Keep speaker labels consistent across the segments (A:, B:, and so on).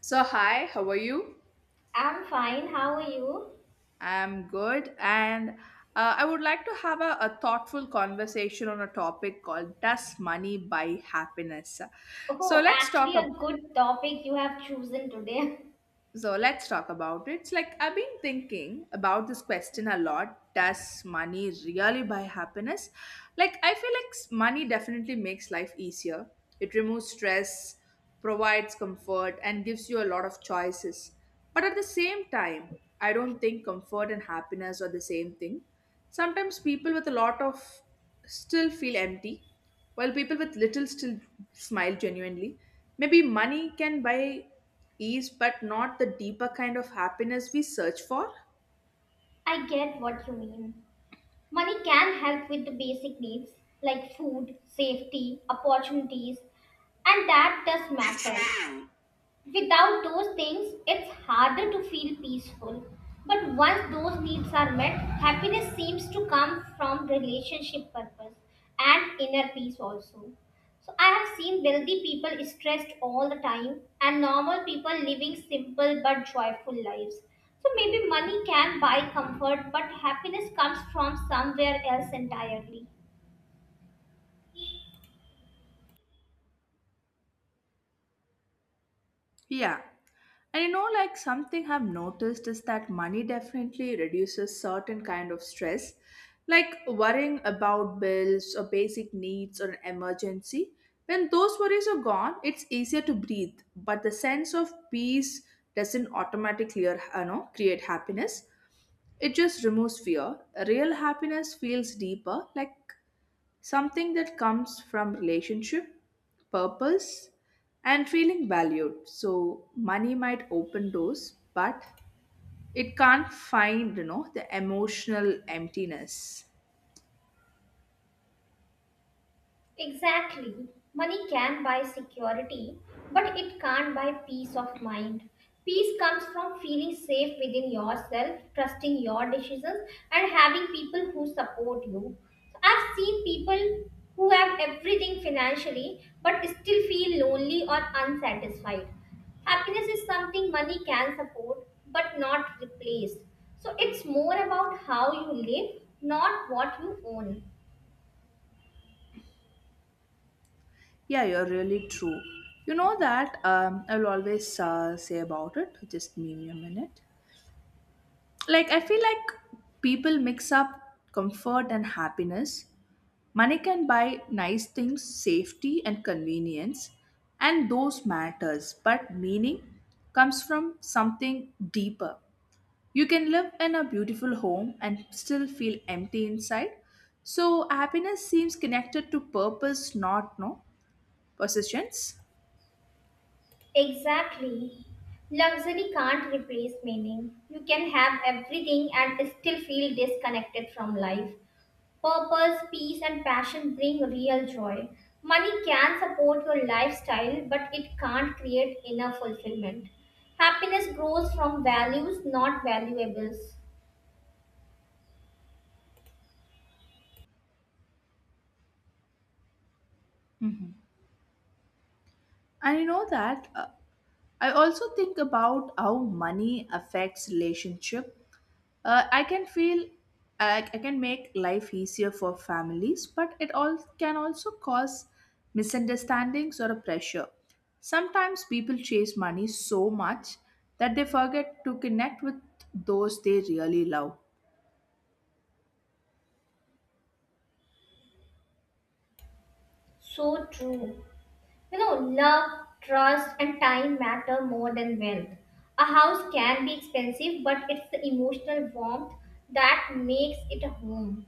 A: So, hi, how are you?
B: I'm fine. How are you?
A: I'm good, and I would like to have a thoughtful conversation on a topic called Does Money Buy Happiness? So,
B: Oh,
A: let's talk
B: actually, a
A: about.
B: good topic you have chosen today.
A: So let's talk about it. It's like I've been thinking about this question a lot. Does money really buy happiness? Like I feel like money definitely makes life easier. It removes stress, provides comfort, and gives you a lot of choices. But at the same time, I don't think comfort and happiness are the same thing. Sometimes people with a lot of still feel empty, while people with little still smile genuinely. Maybe money can buy ease, but not the deeper kind of happiness we search for.
B: I get what you mean. Money can help with the basic needs like food, safety, opportunities, and that does matter. Without those things, it's harder to feel peaceful. But once those needs are met, happiness seems to come from relationship purpose and inner peace also. So I have seen wealthy people stressed all the time and normal people living simple but joyful lives. So maybe money can buy comfort, but happiness comes from somewhere else entirely.
A: Yeah. And you know, like something I've noticed is that money definitely reduces certain kind of stress, like worrying about bills or basic needs or an emergency. When those worries are gone, it's easier to breathe, but the sense of peace doesn't automatically create happiness. It just removes fear. Real happiness feels deeper, like something that comes from relationship, purpose, and feeling valued. So money might open doors, but it can't find, you know, the emotional emptiness.
B: Exactly. Money can buy security, but it can't buy peace of mind. Peace comes from feeling safe within yourself, trusting your decisions, and having people who support you. So I've seen people who have everything financially but still feel lonely or unsatisfied. Happiness is something money can support but not replace. So it's more about how you live, not what you own.
A: Yeah, you're really true. You know that I'll always say about it. Just meme me a minute. Like I feel like people mix up comfort and happiness. Money can buy nice things, safety and convenience, and those matters, but meaning comes from something deeper. You can live in a beautiful home and still feel empty inside. So happiness seems connected to purpose, not no possessions.
B: Exactly. Luxury can't replace meaning. You can have everything and still feel disconnected from life. Purpose, peace, and passion bring real joy. Money can support your lifestyle, but it can't create inner fulfillment. Happiness grows from values, not valuables.
A: And you know that I also think about how money affects relationship. Uh, I can feel I can make life easier for families, but it all can also cause misunderstandings or a pressure. Sometimes people chase money so much that they forget to connect with those they really love.
B: So true. You know, love, trust, and time matter more than wealth. A house can be expensive, but it's the emotional warmth that makes it a home.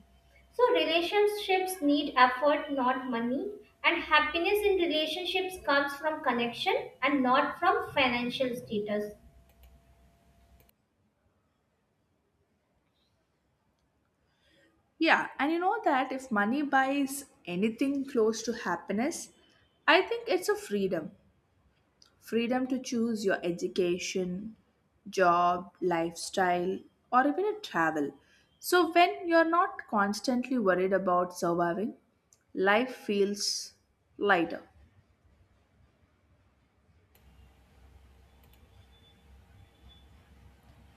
B: So, relationships need effort, not money. And happiness in relationships comes from connection and not from financial status.
A: Yeah, and you know that if money buys anything close to happiness, I think it's a freedom. Freedom to choose your education, job, lifestyle, or even a travel. So when you're not constantly worried about surviving, life feels lighter.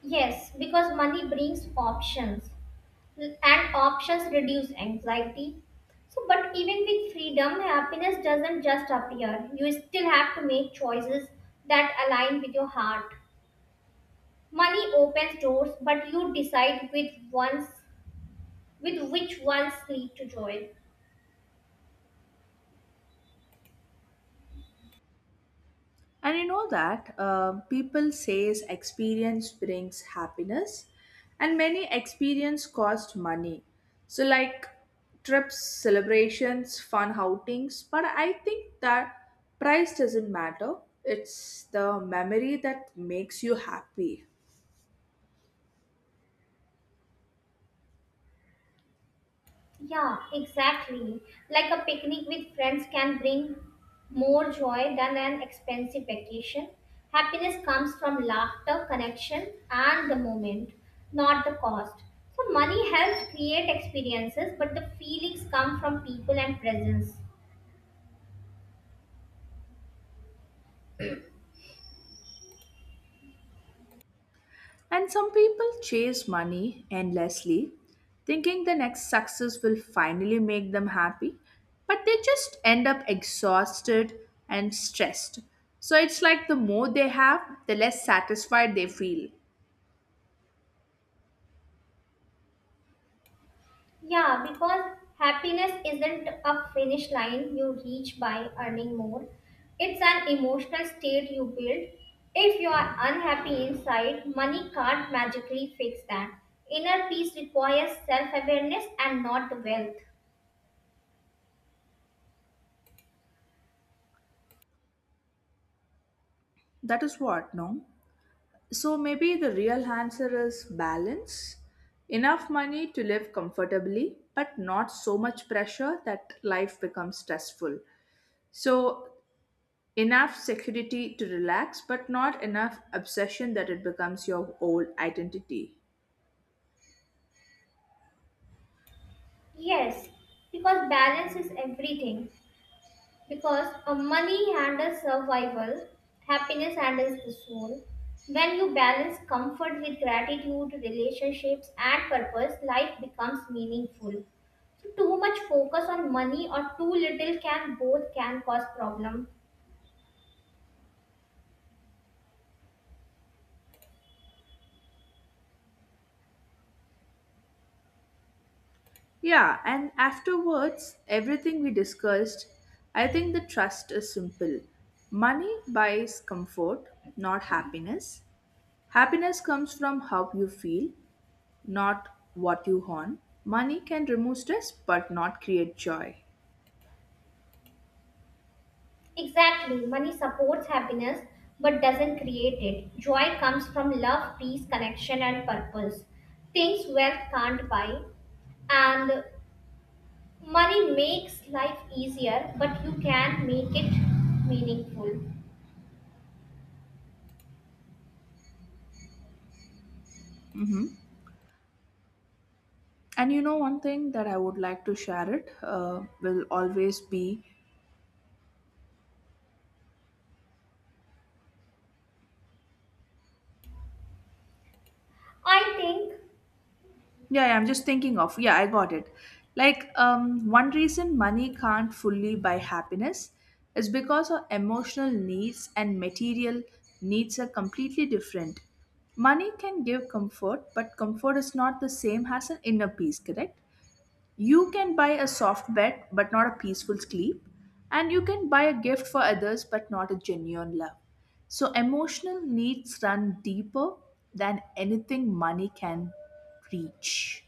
B: Yes, because money brings options and options reduce anxiety. So, but even with freedom, happiness doesn't just appear. You still have to make choices that align with your heart. Money opens doors, but you decide with ones with which ones lead to joy.
A: And you know that people says experience brings happiness, and many experience cost money. So like trips, celebrations, fun outings. But I think that price doesn't matter. It's the memory that makes you happy.
B: Yeah, exactly. Like a picnic with friends can bring more joy than an expensive vacation. Happiness comes from laughter, connection, and the moment, not the cost. So, money helps create experiences, but the feelings come from people and presence.
A: And some people chase money endlessly, thinking the next success will finally make them happy, but they just end up exhausted and stressed. So it's like the more they have, the less satisfied they feel.
B: Yeah, because happiness isn't a finish line you reach by earning more. It's an emotional state you build. If you are unhappy inside, money can't magically fix that. Inner peace requires self awareness and not wealth.
A: That is what, no? So maybe the real answer is balance. Enough money to live comfortably, but not so much pressure that life becomes stressful. So enough security to relax, but not enough obsession that it becomes your old identity.
B: Yes, because balance is everything. Because money handles survival, happiness handles the soul. When you balance comfort with gratitude, relationships, and purpose, life becomes meaningful. So too much focus on money or too little can both can cause problem.
A: Yeah, and afterwards, everything we discussed, I think the trust is simple. Money buys comfort, not happiness. Happiness comes from how you feel, not what you own. Money can remove stress, but not create joy.
B: Exactly, money supports happiness but doesn't create it. Joy comes from love, peace, connection, and purpose. Things wealth can't buy, and money makes life easier, but you can make it meaningful.
A: Mhm. And you know, one thing that I would like to share it will always be.
B: I think,
A: Yeah, yeah, I'm just thinking of. Yeah, I got it. Like, one reason money can't fully buy happiness is because our emotional needs and material needs are completely different. Money can give comfort, but comfort is not the same as an inner peace, correct? You can buy a soft bed, but not a peaceful sleep. And you can buy a gift for others, but not a genuine love. So, emotional needs run deeper than anything money can reach.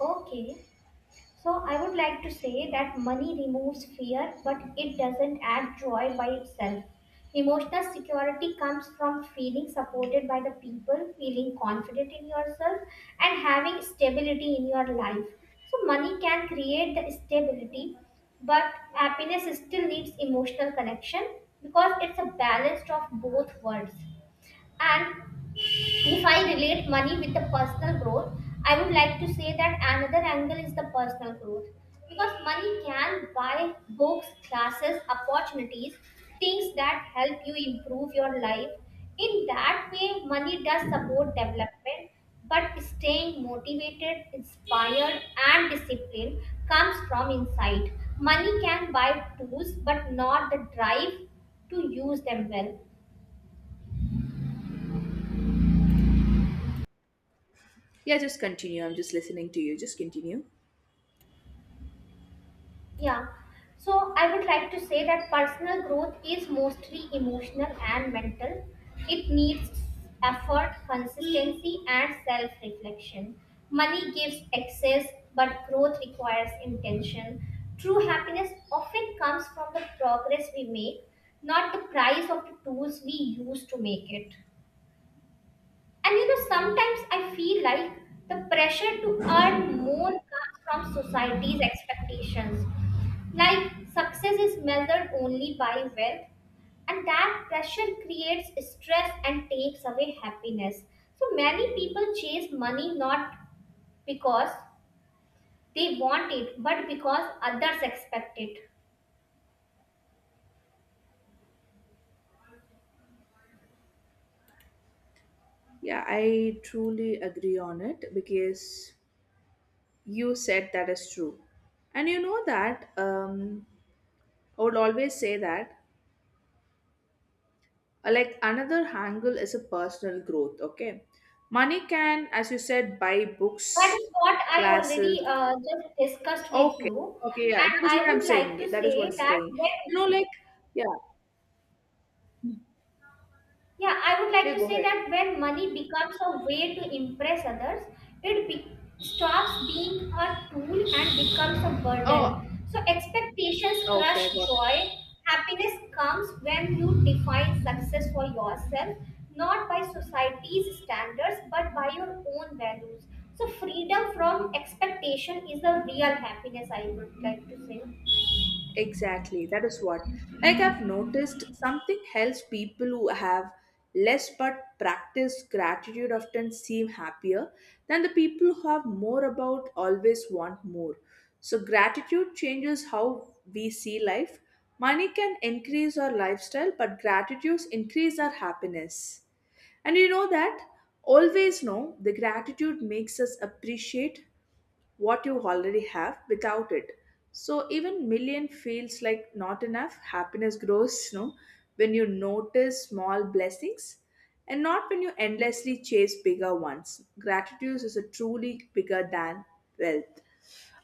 B: okay, so I would like to say that money removes fear, but it doesn't add joy by itself. Emotional security comes from feeling supported by the people, feeling confident in yourself, and having stability in your life. So, money can create the stability, but happiness still needs emotional connection because it's a balance of both worlds. And if I relate money with the personal growth, I would like to say that another angle is the personal growth. Because money can buy books, classes, opportunities, things that help you improve your life. In that way, money does support development, but staying motivated, inspired, and disciplined comes from inside. Money can buy tools, but not the drive to use them well.
A: Yeah, just continue. I'm just listening to you. Just continue.
B: Yeah. So I would like to say that personal growth is mostly emotional and mental. It needs effort, consistency, and self reflection. Money gives access, but growth requires intention. True happiness often comes from the progress we make, not the price of the tools we use to make it. And you know, sometimes I feel like the pressure to earn more comes from society's expectations like success is measured only by wealth, and that pressure creates stress and takes away happiness. So many people chase money not because they want it, but because others expect it.
A: Yeah, I truly agree on it because you said that is true. And you know that I would always say that like another angle is a personal growth, okay? Money can, as you said, buy
B: That
A: books,
B: is what I
A: classes.
B: already just discussed with
A: Okay.
B: you,
A: Okay, yeah.
B: and
A: That is
B: I
A: what I'm
B: would like to
A: saying. That is what
B: say
A: I'm
B: that
A: saying.
B: when
A: You know, like yeah,
B: yeah, I would like
A: yeah,
B: to
A: go
B: say
A: ahead.
B: that when money becomes a way to impress others, it be- stops being a tool and becomes a
A: Oh,
B: burden. So expectations
A: okay,
B: crush
A: I got.
B: joy. Happiness comes when you define success for yourself, not by society's standards, but by your own values. So freedom from expectation is the real happiness, I would like to say.
A: Exactly, that is what. Like I've noticed something else people who have less but practice gratitude often seem happier than the people who have more about always want more. So gratitude changes how we see life. Money can increase our lifestyle, but gratitudes increase our happiness. And you know that always know the gratitude makes us appreciate what you already have without it, so even million feels like not enough, happiness grows, you know, when you notice small blessings and not when you endlessly chase bigger ones. Gratitude is a truly bigger than wealth.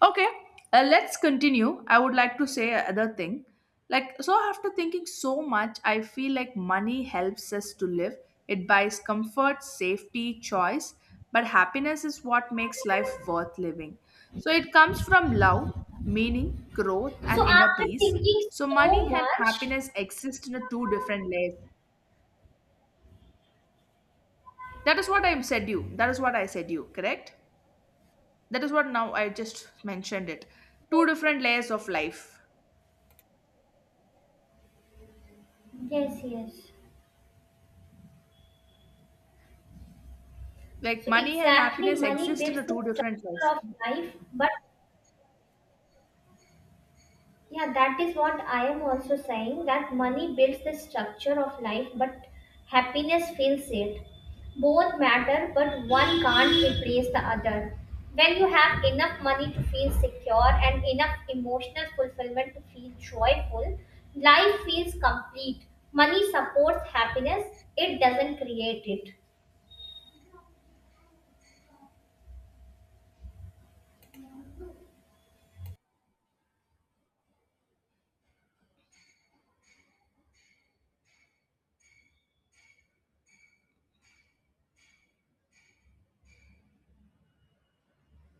A: Okay, let's continue. I would like to say another thing. Like, so after thinking so much, I feel like money helps us to live. It buys comfort, safety, choice, but happiness is what makes life worth living. So it comes from love, meaning, growth, and
B: So
A: inner
B: after
A: peace.
B: thinking
A: So
B: so
A: money and
B: much,
A: happiness exist in a two different
B: yes,
A: layers. That is what I said you. That is what I said you, correct? That is what now I just mentioned it. Two different
B: yes.
A: layers of life.
B: Yes, yes.
A: Like
B: So
A: money and
B: exactly,
A: happiness
B: money
A: exist in
B: builds
A: a
B: the
A: two different
B: structure
A: lives.
B: of life. But yeah, that is what I am also saying that money builds the structure of life, but happiness fills it. Both matter, but one can't replace the other. When you have enough money to feel secure and enough emotional fulfillment to feel joyful, life feels complete. Money supports happiness, it doesn't create it.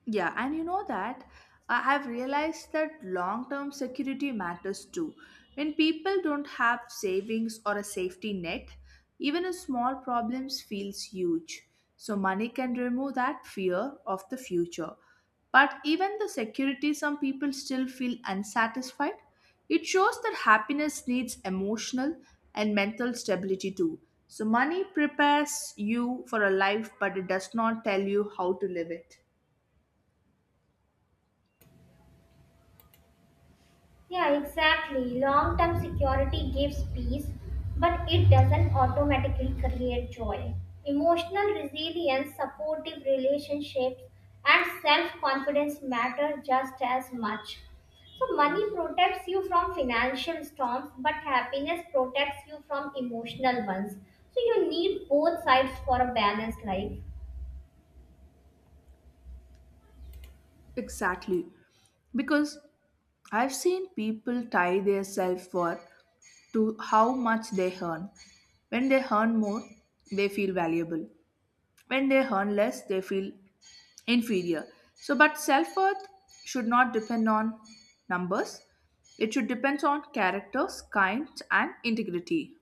A: Yeah, and you know that I have realized that long term security matters too. When people don't have savings or a safety net, even a small problems feels huge. So money can remove that fear of the future. But even the security some people still feel unsatisfied. It shows that happiness needs emotional and mental stability too. So money prepares you for a life but it does not tell you how to live it.
B: Yeah, exactly. Long term security gives peace, but it doesn't automatically create joy. Emotional resilience, supportive relationships, and self confidence matter just as much. So, money protects you from financial storms, but happiness protects you from emotional ones. So, you need both sides for a balanced life.
A: Exactly. Because I've seen people tie their self worth to how much they earn. When they earn more, they feel valuable. When they earn less, they feel inferior. So, but self worth should not depend on numbers, it should depend on characters, kind, and integrity.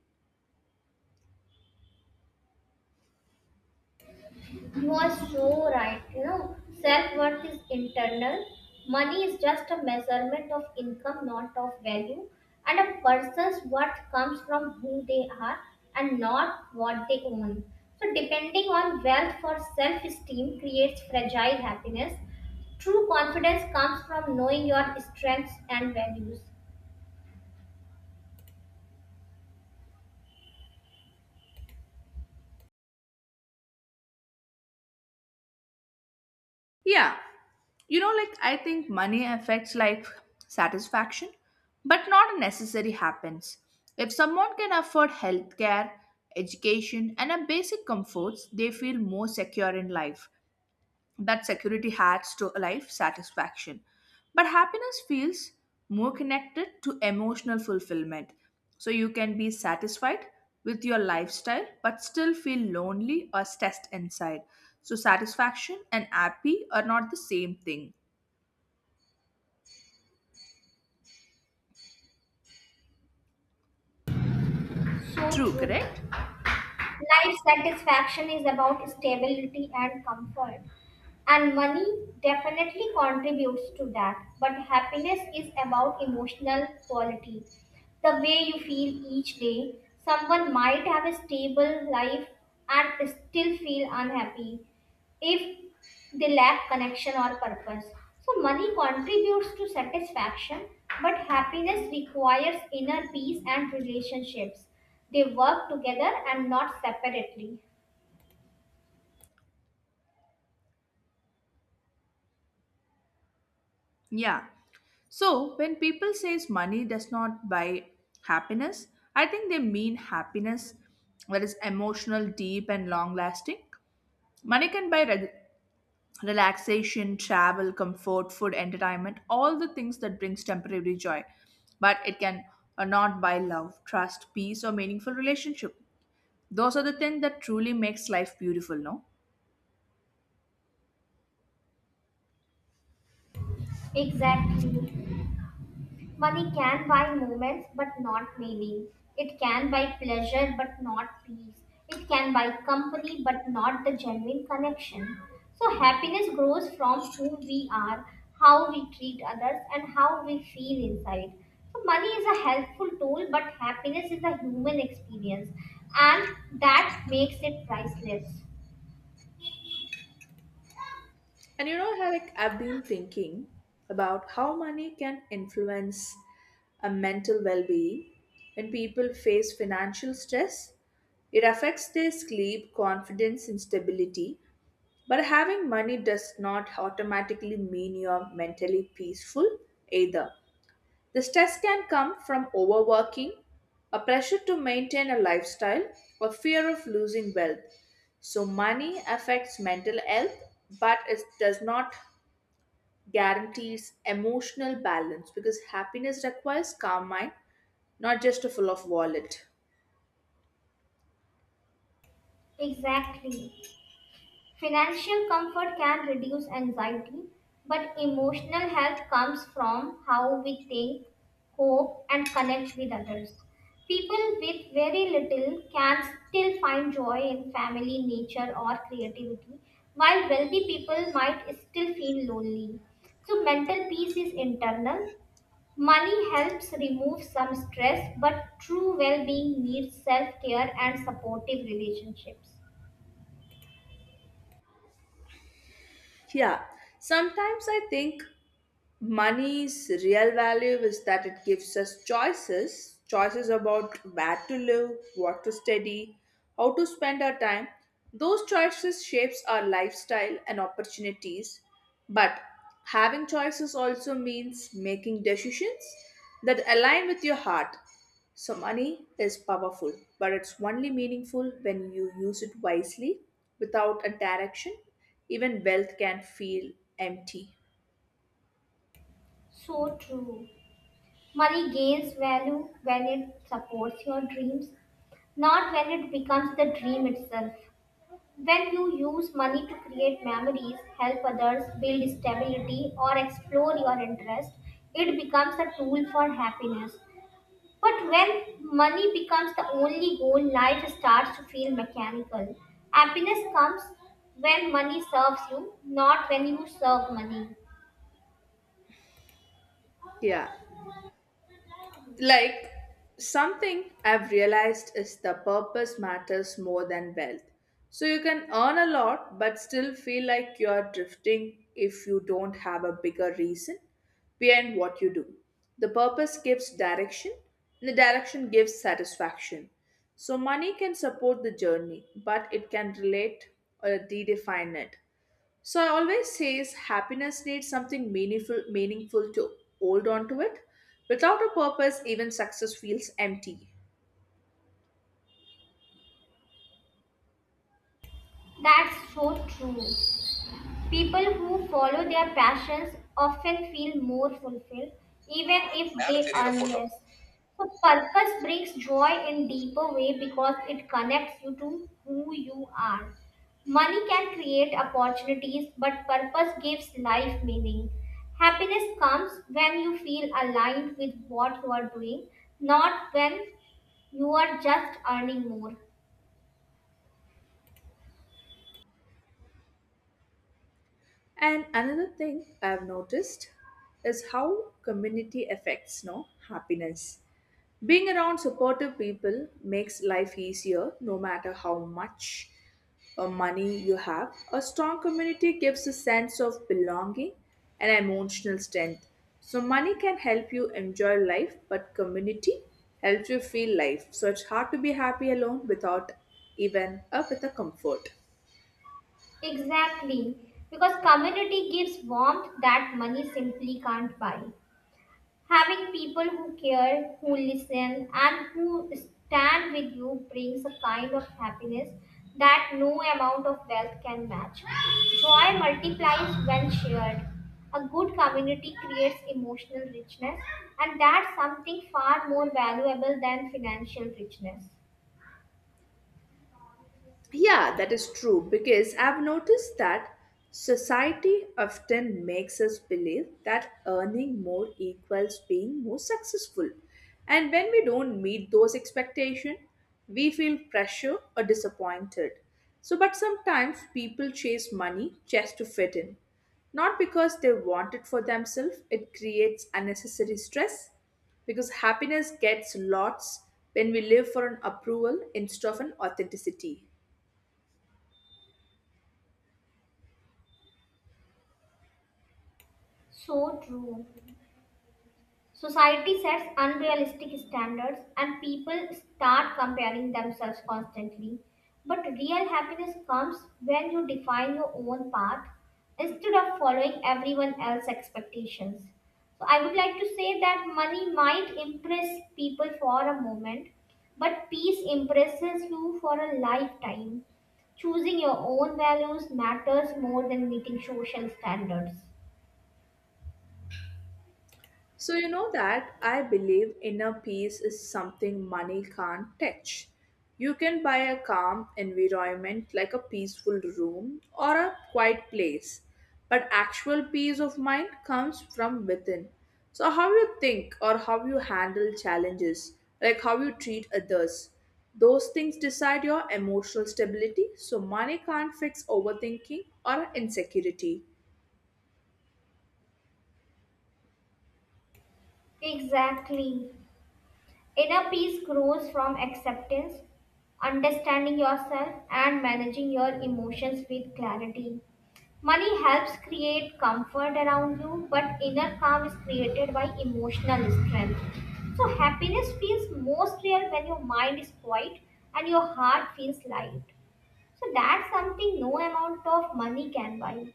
B: You are so right. You know, self worth is internal. Money is just a measurement of income, not of value. And a person's worth comes from who they are and not what they own. So, depending on wealth for self esteem creates fragile happiness. True confidence comes from knowing your strengths and values.
A: Yeah. You know, like I think money affects life satisfaction, but not necessarily happens. If someone can afford healthcare, education, and a basic comforts, they feel more secure in life, that security adds to life satisfaction. But happiness feels more connected to emotional fulfillment. So you can be satisfied with your lifestyle but still feel lonely or stressed inside. So satisfaction and happy are not the same thing.
B: So
A: True,
B: true.
A: correct?
B: Life satisfaction is about stability and comfort, and money definitely contributes to that. But happiness is about emotional quality, the way you feel each day. Someone might have a stable life and still feel unhappy if they lack connection or purpose. So, money contributes to satisfaction, but happiness requires inner peace and relationships. They work together and not separately.
A: Yeah. So when people says money does not buy happiness, I think they mean happiness that is emotional, deep and long lasting. Money can buy relaxation, travel, comfort, food, entertainment, all the things that brings temporary joy. But it can not buy love, trust, peace, or meaningful relationship. Those are the things that truly makes life beautiful, no?
B: Exactly. Money can buy moments but not meaning. It can buy pleasure but not peace. It can buy company but not the genuine connection. So, happiness grows from who we are, how we treat others, and how we feel inside. So, money is a helpful tool, but happiness is a human experience, and that makes it priceless.
A: And you know, like I've been thinking about how money can influence a mental well-being when people face financial stress. It affects their sleep, confidence, and stability, but having money does not automatically mean you are mentally peaceful either. The stress can come from overworking, a pressure to maintain a lifestyle, or fear of losing wealth. So, money affects mental health, but it does not guarantees emotional balance because happiness requires calm mind, not just a full of wallet.
B: Exactly. Financial comfort can reduce anxiety, but emotional health comes from how we think, cope, and connect with others. People with very little can still find joy in family, nature, or creativity, while wealthy people might still feel lonely. So, mental peace is internal. Money helps remove some stress, but true well being needs self care and supportive relationships.
A: Yeah, sometimes I think money's real value is that it gives us choices, choices about where to live, what to study, how to spend our time. Those choices shapes our lifestyle and opportunities. But having choices also means making decisions that align with your heart. So money is powerful, but it's only meaningful when you use it wisely. Without a direction, even wealth can feel empty.
B: So true. Money gains value when it supports your dreams, not when it becomes the dream itself. When you use money to create memories, help others, build stability, or explore your interest, it becomes a tool for happiness. But when money becomes the only goal, life starts to feel mechanical. Happiness comes when money serves you, not when you serve money.
A: Yeah. Like something I've realized is the purpose matters more than wealth. So you can earn a lot but still feel like you're drifting if you don't have a bigger reason behind what you do. The purpose gives direction, and the direction gives satisfaction. So money can support the journey, but it can relate or redefine it. So I always says happiness needs something meaningful to hold on to it. Without a purpose, even success feels empty.
B: That's so true. People who follow their passions often feel more fulfilled, even if
A: மேல
B: they
A: தெரியிற
B: earn
A: photo.
B: less. So, purpose brings joy in deeper way because it connects you to who you are. Money can create opportunities, but purpose gives life meaning. Happiness comes when you feel aligned with what you are doing, not when you are just earning more.
A: And another thing I've noticed is how community affects no happiness. Being around supportive people makes life easier no matter how much money you have. A strong community gives a sense of belonging and emotional strength. So, money can help you enjoy life, but community helps you feel life. So, it's hard to be happy alone without even with a comfort.
B: Exactly, because community gives warmth that money simply can't buy. Having people who care, who listen, and who stand with you brings a kind of happiness that no amount of wealth can match. Joy multiplies when shared. A good community creates emotional richness, and that's something far more valuable than financial richness.
A: Yeah, that is true because I've noticed that society often makes us believe that earning more equals being more successful. And when we don't meet those expectations, we feel pressure or disappointed. So, but sometimes people chase money just to fit in, not because they want it for themselves, it creates unnecessary stress because happiness gets lots when we live for an approval instead of an authenticity.
B: So true. Society sets unrealistic standards and people start comparing themselves constantly. But real happiness comes when you define your own path instead of following everyone else's expectations. So, I would like to say that money might impress people for a moment, but peace impresses you for a lifetime. Choosing your own values matters more than meeting social standards.
A: So, you know that I believe inner peace is something money can't touch. You can buy a calm environment like a peaceful room or a quiet place, but actual peace of mind comes from within. So, how you think or how you handle challenges, like how you treat others, those things decide your emotional stability. So, money can't fix overthinking or insecurity.
B: Exactly. Inner peace grows from acceptance, understanding yourself, and managing your emotions with clarity. Money helps create comfort around you, but inner calm is created by emotional strength. So, happiness feels most real when your mind is quiet and your heart feels light. So, that's something no amount of money can buy.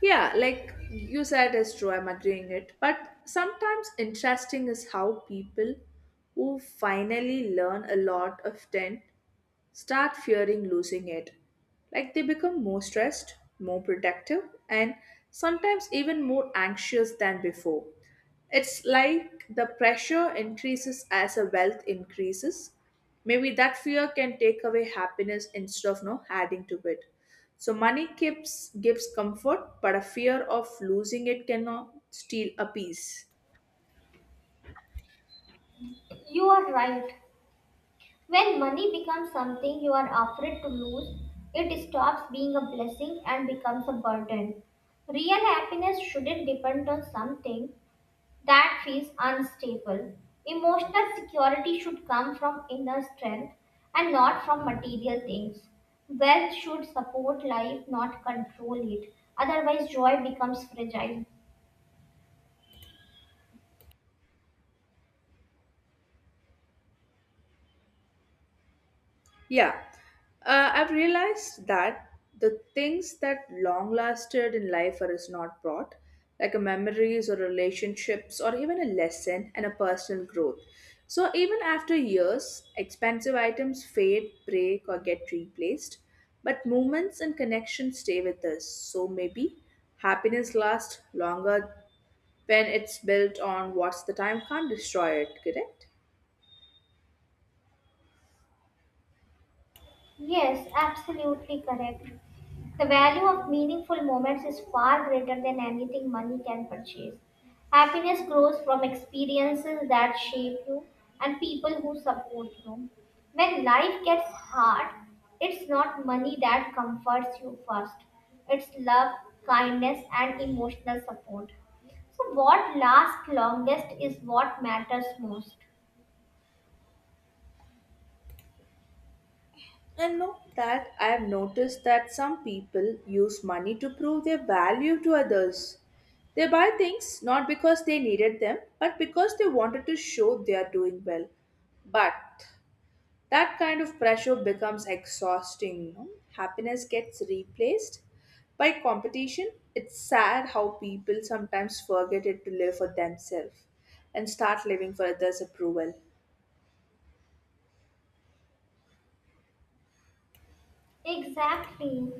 A: Yeah, like you said, is true. I'm agreeing it. But sometimes interesting is how people who finally learn a lot of ten start fearing losing it. Like they become more stressed, more protective, and sometimes even more anxious than before. It's like the pressure increases as a wealth increases. Maybe that fear can take away happiness instead of no adding to it. So money keeps gives comfort, but a fear of losing it cannot steal a peace.
B: You are right. When money becomes something you are afraid to lose, it stops being a blessing and becomes a burden. Real happiness shouldn't depend on something that feels unstable. Emotional security should come from inner strength and not from material things. Wealth should support life, not control it. Otherwise, joy becomes fragile.
A: Yeah, I've realized that the things that long lasted in life are is not brought, like a memories or relationships or even a lesson and a personal growth. So even after years, expensive items fade, break, or get replaced, but moments and connections stay with us. So maybe happiness lasts longer when it's built on what's the time can't destroy it. Correct?
B: Yes, absolutely correct. The value of meaningful moments is far greater than anything money can purchase. Happiness grows from experiences that shape you and people who support you. When life gets hard, it's not money that comforts you first, it's love, kindness, and emotional support. So, what lasts longest is what matters most.
A: And know that I have noticed that some people use money to prove their value to others. They buy things not because they needed them, but because they wanted to show they are doing well. But that kind of pressure becomes exhausting. No? Happiness gets replaced by competition. It's sad how people sometimes forget it to live for themselves and start living for others' approval.
B: Exactly.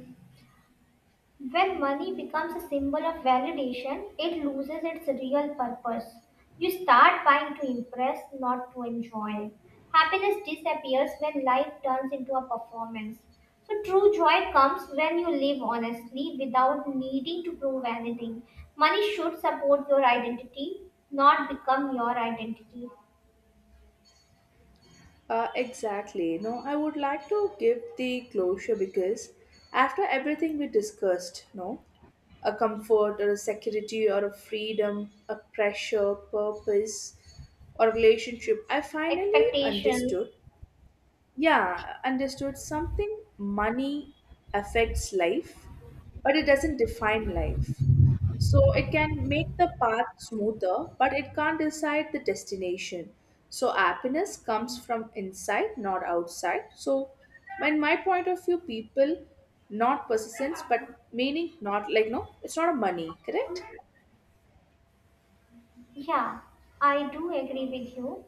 B: When money becomes a symbol of validation, it loses its real purpose. You start buying to impress, not to enjoy. Happiness disappears when life turns into a performance. So, true joy comes when you live honestly without needing to prove anything. Money should support your identity, not become your identity.
A: Exactly. No, I would like to give the closure because after everything we discussed, no, a comfort or a security or a freedom, a pressure, purpose, or relationship, I finally
B: Expectations.
A: understood yeah, understood. Something money affects life, but it doesn't define life. So it can make the path smoother, but it can't decide the destination. So happiness comes from inside, not outside. So, in my point of view, people, not persistence, but meaning, not like no, it's not a money, correct?
B: Yeah, I do agree with you.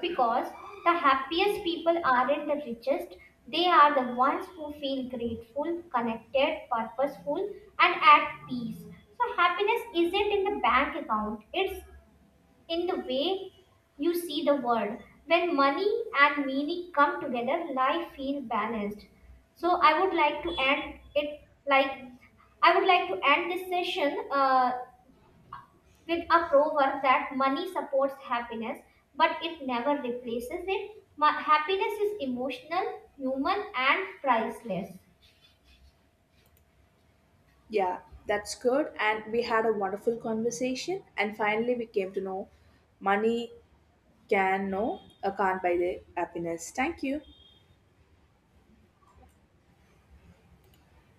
B: Because the happiest people aren't the richest, they are the ones who feel grateful, connected, purposeful, and at peace. So, happiness isn't in the bank account, it's in the way you see the world. When money and meaning come together, life feels balanced. So, I would like to end it like I would like to end this session with a proverb that money supports happiness, but it never replaces it. Happiness is emotional, human, and priceless.
A: Yeah, that's good. And we had a wonderful conversation. And finally, we came to know money can no, I can't buy the happiness. Thank you.